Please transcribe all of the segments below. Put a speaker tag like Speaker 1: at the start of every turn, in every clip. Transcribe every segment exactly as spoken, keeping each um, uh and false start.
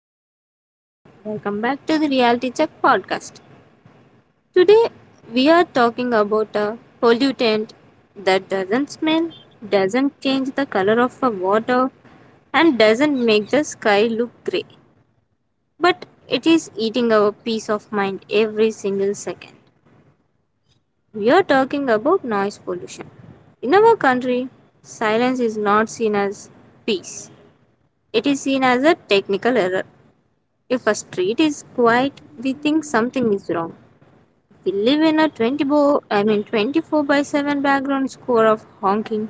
Speaker 1: this is Ruchita. Welcome back to the Reality Check podcast. Today we are talking about a pollutant that doesn't smell, doesn't change the color of the water, and doesn't make the sky look grey. But it is eating our peace of mind every single second. We are talking about noise pollution. In our country, silence is not seen as peace, it is seen as a technical error. If a street is quiet, we think something is wrong. We live in a twenty four I mean twenty four by seven background score of honking,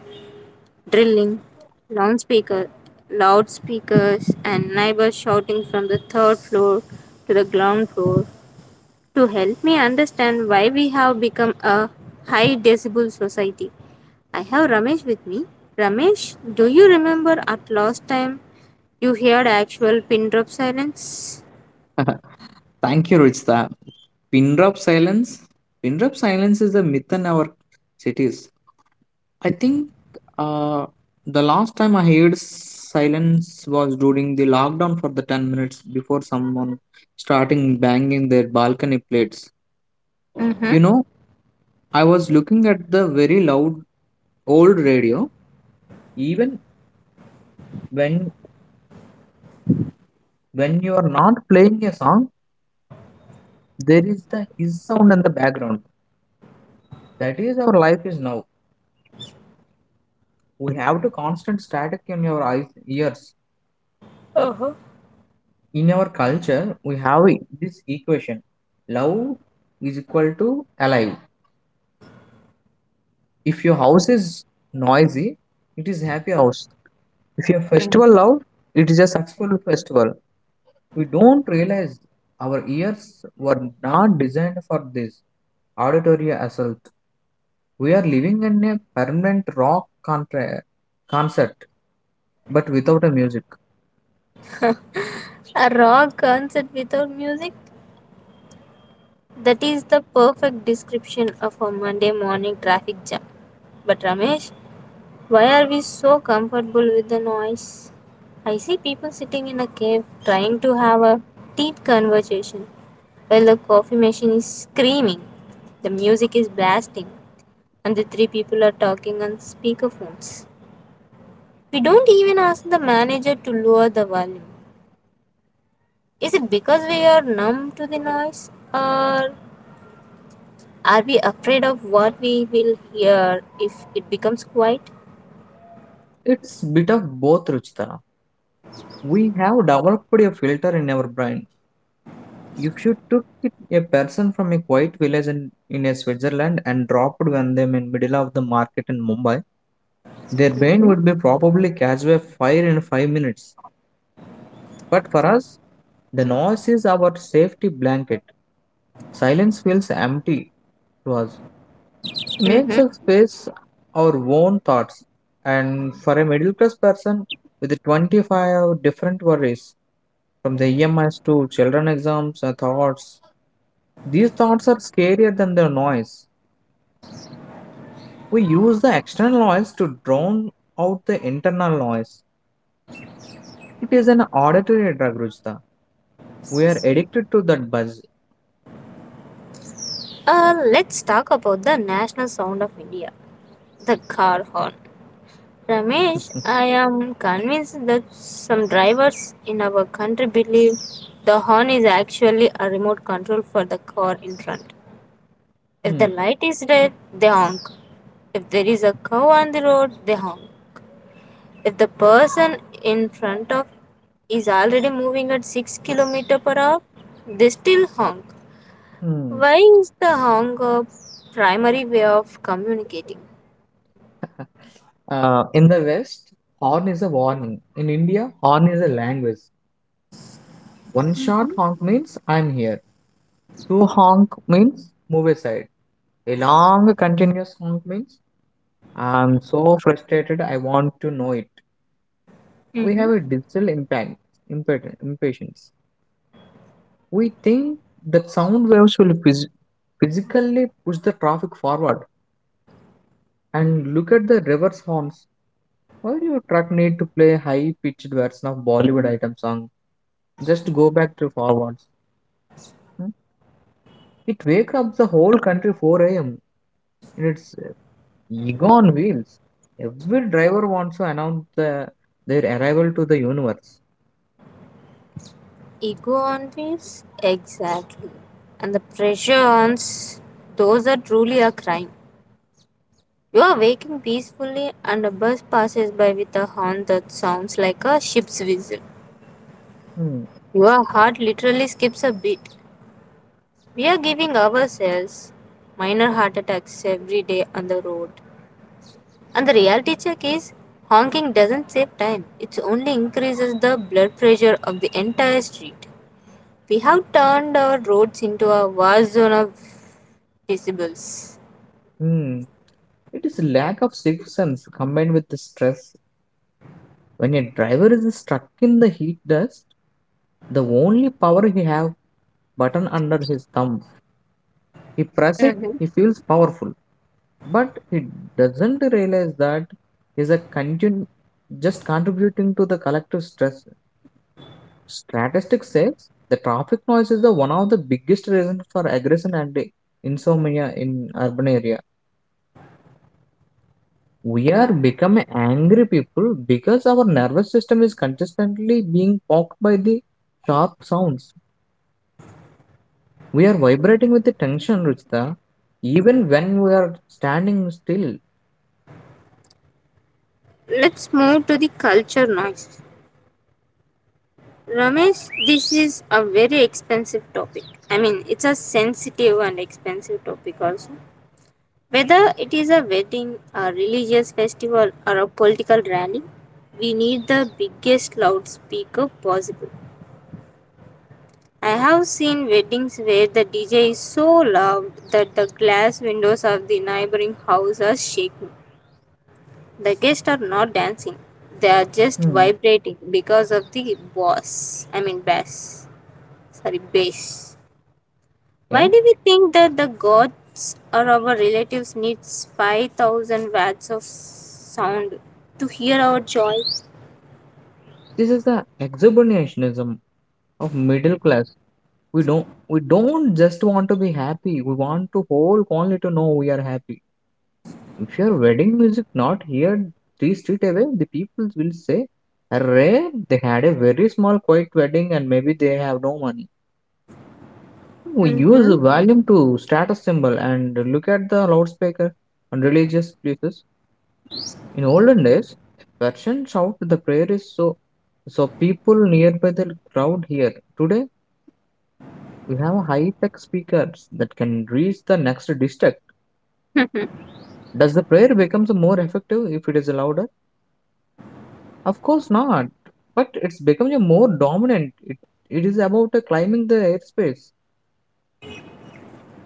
Speaker 1: drilling, loudspeaker, loudspeakers, and neighbors shouting from the third floor to the ground floor. To help me understand why we have become a high decibel society, I have Ramesh with me. Ramesh, do you remember at last time you heard actual pin drop silence?
Speaker 2: Thank you, Ruchita. Pin drop silence. Pin drop silence is a myth in our cities. I think uh, the last time I heard silence was during the lockdown for the ten minutes before someone starting banging their balcony plates.
Speaker 1: Mm-hmm.
Speaker 2: You know, I was looking at the very loud old radio. Even when when you are not playing a song, there is the his sound in the background. That is our life is now. We have to constant static in your eyes ears in our culture we have this equation love is equal to alive if your house is noisy it is happy house if your festival loud, it is a successful festival. We don't realize our ears were not designed for this auditory assault. We are living in a permanent rock contra- concert but without a music.
Speaker 1: A rock concert without music? That is the perfect description of a Monday morning traffic jam. But Ramesh, why are we so comfortable with the noise? I see people sitting in a cave trying to have a deep conversation while the coffee machine is screaming, the music is blasting, and the three people are talking on speakerphones. We don't even ask the manager to lower the volume. Is it because we are numb to the noise, or are we afraid of what we will hear if it becomes quiet?
Speaker 2: It's bit of both, Ruchita. We have developed a filter in our brain. If you took it- a person from a quiet village in, in a Switzerland and dropped on them in middle of the market in Mumbai, their brain
Speaker 1: Hmm.
Speaker 2: would be probably catch a fire in five minutes. But for us, the noise is our safety blanket. Silence feels empty to us. It makes
Speaker 1: Mm-hmm.
Speaker 2: us face our own thoughts. And for a middle class person with twenty-five different worries, from the E M Is to children exams and thoughts, these thoughts are scarier than the noise. We use the external noise to drown out the internal noise. It is an auditory drug, Rujita. We are addicted to that buzz.
Speaker 1: Uh, let's talk about the national sound of India, the car horn. Ramesh, I am convinced that some drivers in our country believe the horn is actually a remote control for the car in front. If the
Speaker 2: Hmm,
Speaker 1: light is red, they honk. If there is a cow on the road, they honk. If the person in front of is already moving at six kilometers per hour per hour, they still honk.
Speaker 2: hmm.
Speaker 1: Why is the honk a primary way of communicating?
Speaker 2: Uh, in the West, horn is a warning. In India, horn is a language. One short honk means I'm here. Two honk means move aside. A long continuous honk means I'm so frustrated I want to know it. We have a digital impact, impatience. We think that sound waves will phys- physically push the traffic forward. And look at the reverse horns. Why do you truck need to play high pitched version of Bollywood item song? Just go back to forwards. Hmm? It wake up the whole country four a m in its uh, ego on wheels. Every driver wants to announce the, their arrival to the universe.
Speaker 1: Ego on wheels, exactly. And the pressure on those are truly a crime. You are waking peacefully and a bus passes by with a horn that sounds like a ship's whistle.
Speaker 2: Hmm.
Speaker 1: Your heart literally skips a beat. We are giving ourselves minor heart attacks every day on the road. And the reality check is, honking doesn't save time, it only increases the blood pressure of the entire street. We have turned our roads into a war zone of decibels.
Speaker 2: Hmm. It is lack of sixth sense combined with the stress. When a driver is stuck in the heat dust, the only power he have button under his thumb. He press it,
Speaker 1: Hmm.
Speaker 2: he feels powerful, but he doesn't realize that is a continu- just contributing to the collective stress. Statistics says the traffic noise is the one of the biggest reasons for aggression and insomnia in urban area. We are becoming angry people because our nervous system is consistently being poked by the sharp sounds. We are vibrating with the tension, Ruchita, even when we are standing still.
Speaker 1: Let's move to the culture noise. Ramesh, this is a very expensive topic. I mean, it's a sensitive and expensive topic also. Whether it is a wedding, a religious festival, or a political rally, we need the biggest loudspeaker possible. I have seen weddings where the D J is so loud that the glass windows of the neighboring house are shaking. The guests are not dancing, they are just
Speaker 2: Hmm.
Speaker 1: vibrating because of the bass. I mean, bass. Sorry, bass. Why
Speaker 2: Okay?
Speaker 1: do we think that the gods or our relatives needs five thousand watts of sound to hear our joy?
Speaker 2: This is the exhibitionism of middle class. We don't we don't just want to be happy. We want to whole only to know we are happy. If your wedding music not here three street away, the people will say, "Array, they had a very small quiet wedding and maybe they have no money." We use
Speaker 1: Mm-hmm.
Speaker 2: volume to status symbol and look at the loudspeaker on religious places. In olden days, Persian shout the prayer is so so people nearby the crowd here. Today we have high tech speakers that can reach the next district. Does the prayer becomes more effective if it is louder? Of course not. But it's becoming a more dominant. It, it is about uh, climbing the airspace.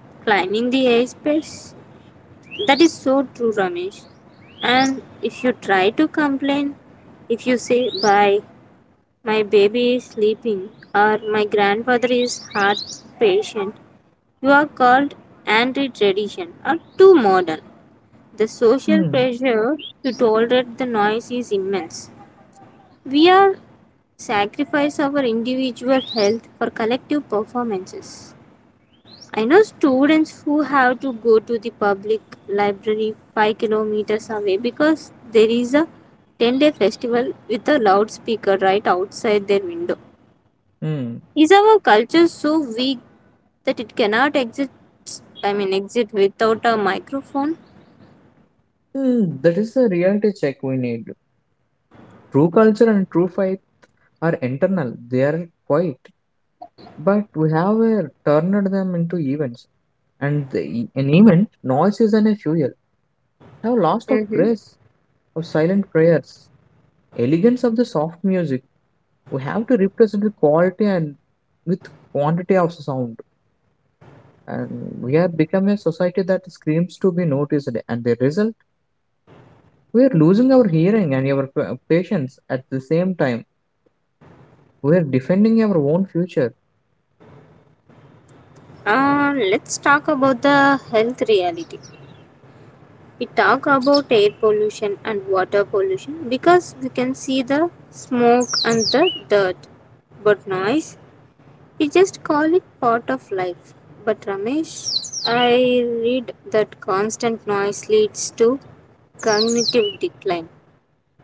Speaker 1: Climbing the airspace. That is so true, Ramesh. And if you try to complain, if you say, Bye, my baby is sleeping, or my grandfather is heart patient, you are called anti tradition or too modern. The social
Speaker 2: Hmm.
Speaker 1: pressure to tolerate the noise is immense. We are sacrifice our individual health for collective performances. I know students who have to go to the public library five kilometers away because there is a ten day festival with a loudspeaker right outside their window.
Speaker 2: Hmm.
Speaker 1: Is our culture so weak that it cannot exist? I mean, exit without a microphone?
Speaker 2: Hmm. That is the reality check we need. True culture and true fight are internal. They are quiet. But we have uh, turned them into events. And the, and even noises and a fuel have lost of
Speaker 1: Mm-hmm.
Speaker 2: grace of silent prayers, elegance of the soft music. We have to represent the quality and with quantity of sound. And we have become a society that screams to be noticed, and the result we are losing our hearing and our pa- patience at the same time. We are defending our own future.
Speaker 1: Uh, let's talk about the health reality. We talk about air pollution and water pollution because we can see the smoke and the dirt. But noise, we just call it part of life. But Ramesh, I read that constant noise leads to cognitive decline.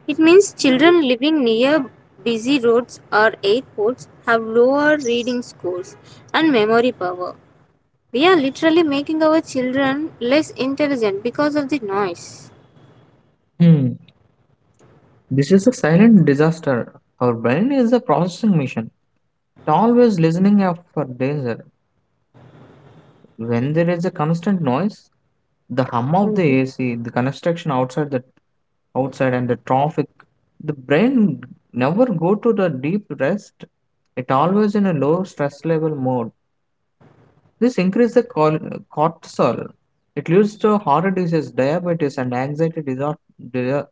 Speaker 1: It means children living near busy roads or airports have lower reading scores and memory power. We are literally making our children less intelligent because of the noise.
Speaker 2: Hmm. This is a silent disaster. Our brain is a processing machine, always listening out for danger. When there is a constant noise, the hum of the
Speaker 1: Mhm.
Speaker 2: A C, the construction outside the outside and the traffic, the brain never go to the deep rest. It always in a low stress level mode. This increase the col- cortisol. It leads to heart disease, diabetes, and anxiety disor- di-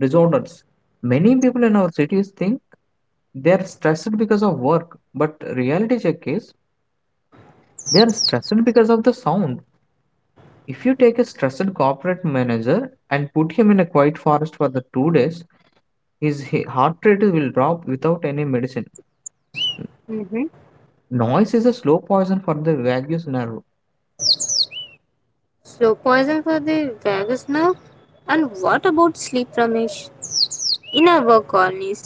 Speaker 2: disorders. Many people in our cities think they are stressed because of work, but reality check is they are stressed because of the sound. If you take a stressed corporate manager and put him in a quiet forest for the two days, his he- heart rate will drop without any medicine.
Speaker 1: Mm-hmm.
Speaker 2: Noise is a slow poison for the vagus nerve.
Speaker 1: Slow poison for the vagus nerve. And what about sleep, Ramesh? In our colonies,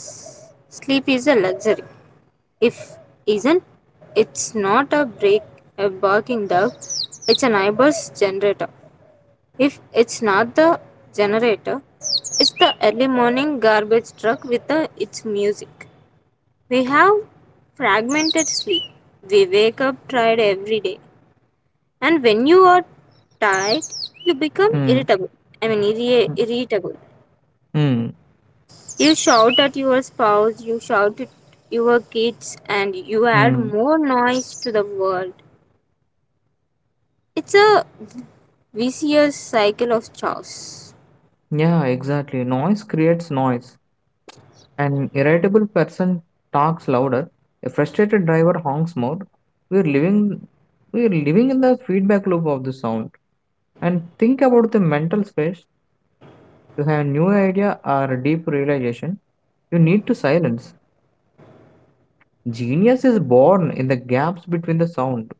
Speaker 1: sleep is a luxury. If isn't, it's not a break a barking dog. It's a neighbor's generator. If it's not the generator, it's the early morning garbage truck with the, its music. We have fragmented sleep. We wake up tired every day. And when you are tired, you become
Speaker 2: Mm,
Speaker 1: irritable I mean irri- irritable.
Speaker 2: mm,
Speaker 1: You shout at your spouse, you shout at your kids, and you add
Speaker 2: mm.
Speaker 1: more noise to the world. It's a vicious cycle of chaos.
Speaker 2: Yeah, exactly. Noise creates noise. An irritable person talks louder. A frustrated driver honks more. We're living, we're living in the feedback loop of the sound. And think about the mental space. To have new idea or deep realization, you need to silence. Genius is born in the gaps between the sound.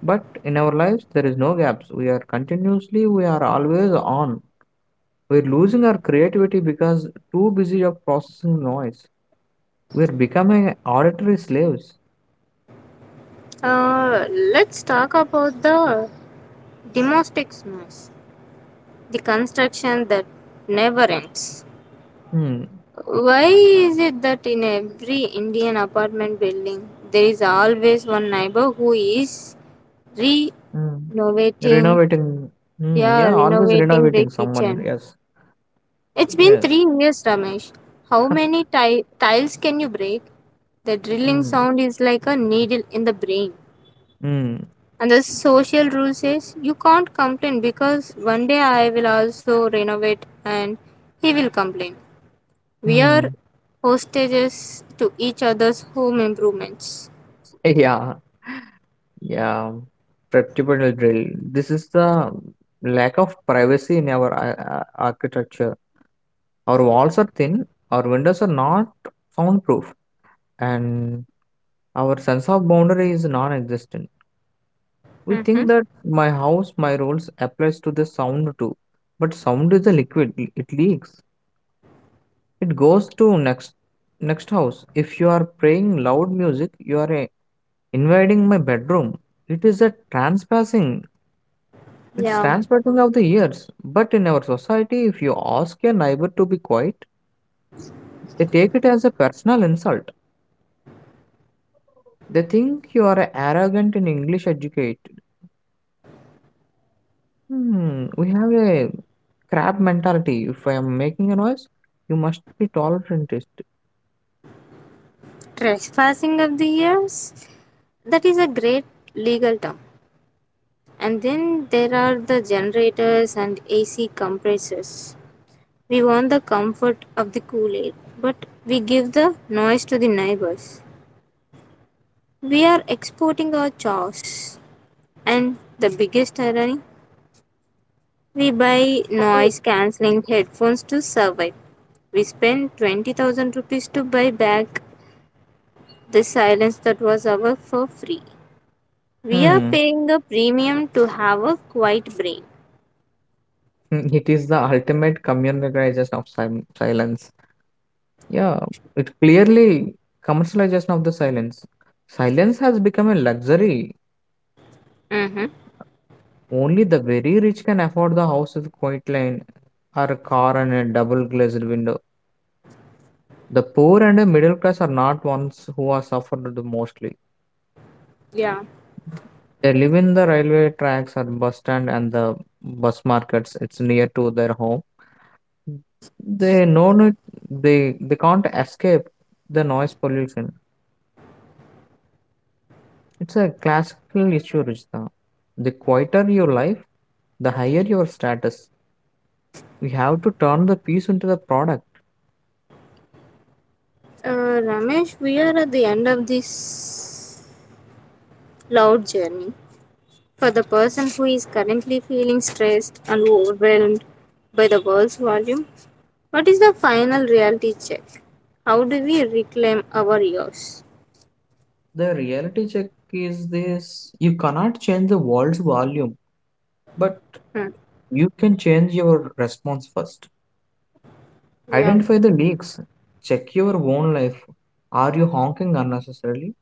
Speaker 2: But in our lives, there is no gaps. We are continuously, we are always on. We're losing our creativity because too busy of processing noise. We're becoming auditory slaves.
Speaker 1: uh, let's talk about the domestic noise, the construction that never ends.
Speaker 2: Hmm.
Speaker 1: Why is it that in every indian apartment building there is always one neighbor who is re
Speaker 2: Hmm.
Speaker 1: Innovating,
Speaker 2: Renovating. Hmm.
Speaker 1: yeah,
Speaker 2: Yeah, always
Speaker 1: renovating the
Speaker 2: renovating someone.
Speaker 1: kitchen.
Speaker 2: Yes.
Speaker 1: It's been
Speaker 2: Yes.
Speaker 1: three years, Ramesh. How many ti- tiles can you break? The drilling
Speaker 2: Hmm.
Speaker 1: sound is like a needle in the brain.
Speaker 2: Hmm.
Speaker 1: And the social rule says you can't complain because one day I will also renovate and he will complain. We are
Speaker 2: Hmm.
Speaker 1: hostages to each other's home improvements.
Speaker 2: Yeah. Yeah, reputable drill. This is the lack of privacy in our ar- ar- architecture. Our walls are thin, our windows are not soundproof, and our sense of boundary is non-existent. We
Speaker 1: Mm-hmm.
Speaker 2: think that my house, my rules applies to the sound too, but sound is a liquid. It leaks. It goes to next next house. If you are playing loud music, you are uh, invading my bedroom. It is a trespassing. It's
Speaker 1: Yeah,
Speaker 2: transporting of the years. But in our society, if you ask your neighbor to be quiet, they take it as a personal insult. They think you are arrogant and English educated. Hmm, we have a crab mentality. If I am making a noise, you must be tolerant. It.
Speaker 1: trespassing of the years. That is a great legal term. And then there are the generators and A C compressors. We want the comfort of the cool air, but we give the noise to the neighbors. We are exporting our chores. And the biggest irony, we buy noise cancelling headphones to survive. We spend twenty thousand rupees to buy back the silence that was ours for free. We are
Speaker 2: Hmm.
Speaker 1: paying a premium to have a quiet brain.
Speaker 2: Mm, it is the ultimate commercialization of sil- silence. Yeah, it clearly commercialization of the silence. Silence has become a luxury.
Speaker 1: Mm-hmm.
Speaker 2: Only the very rich can afford the house with quiet lane or a car and a double glazed window. The poor and the middle class are not ones who are suffered the mostly.
Speaker 1: Yeah.
Speaker 2: They live in the railway tracks or bus stand and the bus markets. It's near to their home. They know it. They they can't escape the noise pollution. It's a classical issue, Rishta. The quieter your life, the higher your status. We have to turn the peace into the product.
Speaker 1: Uh, Ramesh, we are at the end of this loud journey. For the person who is currently feeling stressed and overwhelmed by the world's volume, what is the final reality check? How do we reclaim our ears?
Speaker 2: The reality check is this: you cannot change the world's volume, but
Speaker 1: Hmm.
Speaker 2: you can change your response first.
Speaker 1: Yeah,
Speaker 2: Identify the leaks, check your own life. Are you honking unnecessarily?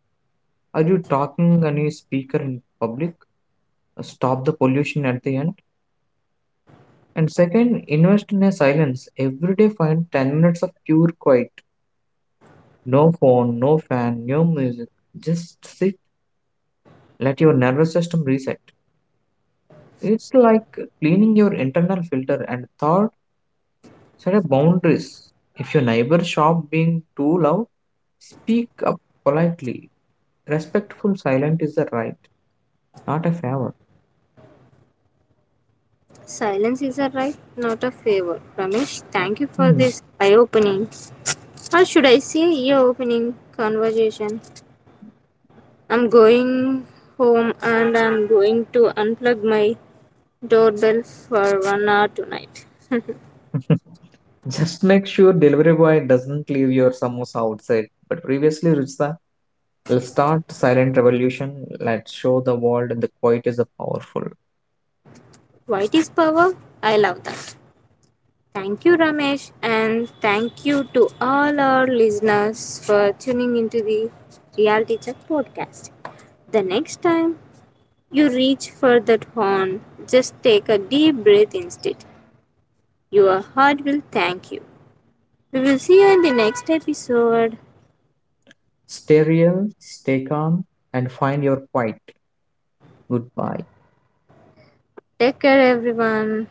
Speaker 2: Are you talking on a speaker in public? Stop the pollution at the end. And second, invest in a silence. Every day, find ten minutes of pure quiet. No phone, no fan, no music. Just sit, let your nervous system reset. It's like cleaning your internal filter and thought. Set up boundaries. If your neighbor shop being too loud, speak up politely. Respectful silence is a right, not a favor.
Speaker 1: silence is a right, not a favor. Ramesh, thank you for
Speaker 2: Hmm.
Speaker 1: this eye opening, or should I say ear opening conversation. I'm going home and I'm going to unplug my doorbell for one hour tonight.
Speaker 2: Just make sure delivery boy doesn't leave your samosa outside. But previously, Ritsa, we'll start silent revolution. Let's show the world the quiet is a powerful.
Speaker 1: White is power. I love that. Thank you, Ramesh, and thank you to all our listeners for tuning into the Reality Check podcast. The next time you reach for that horn, just take a deep breath instead. Your heart will thank you. We will see you in the next episode.
Speaker 2: Stay real, stay calm, and find your quiet. Goodbye.
Speaker 1: Take care, everyone.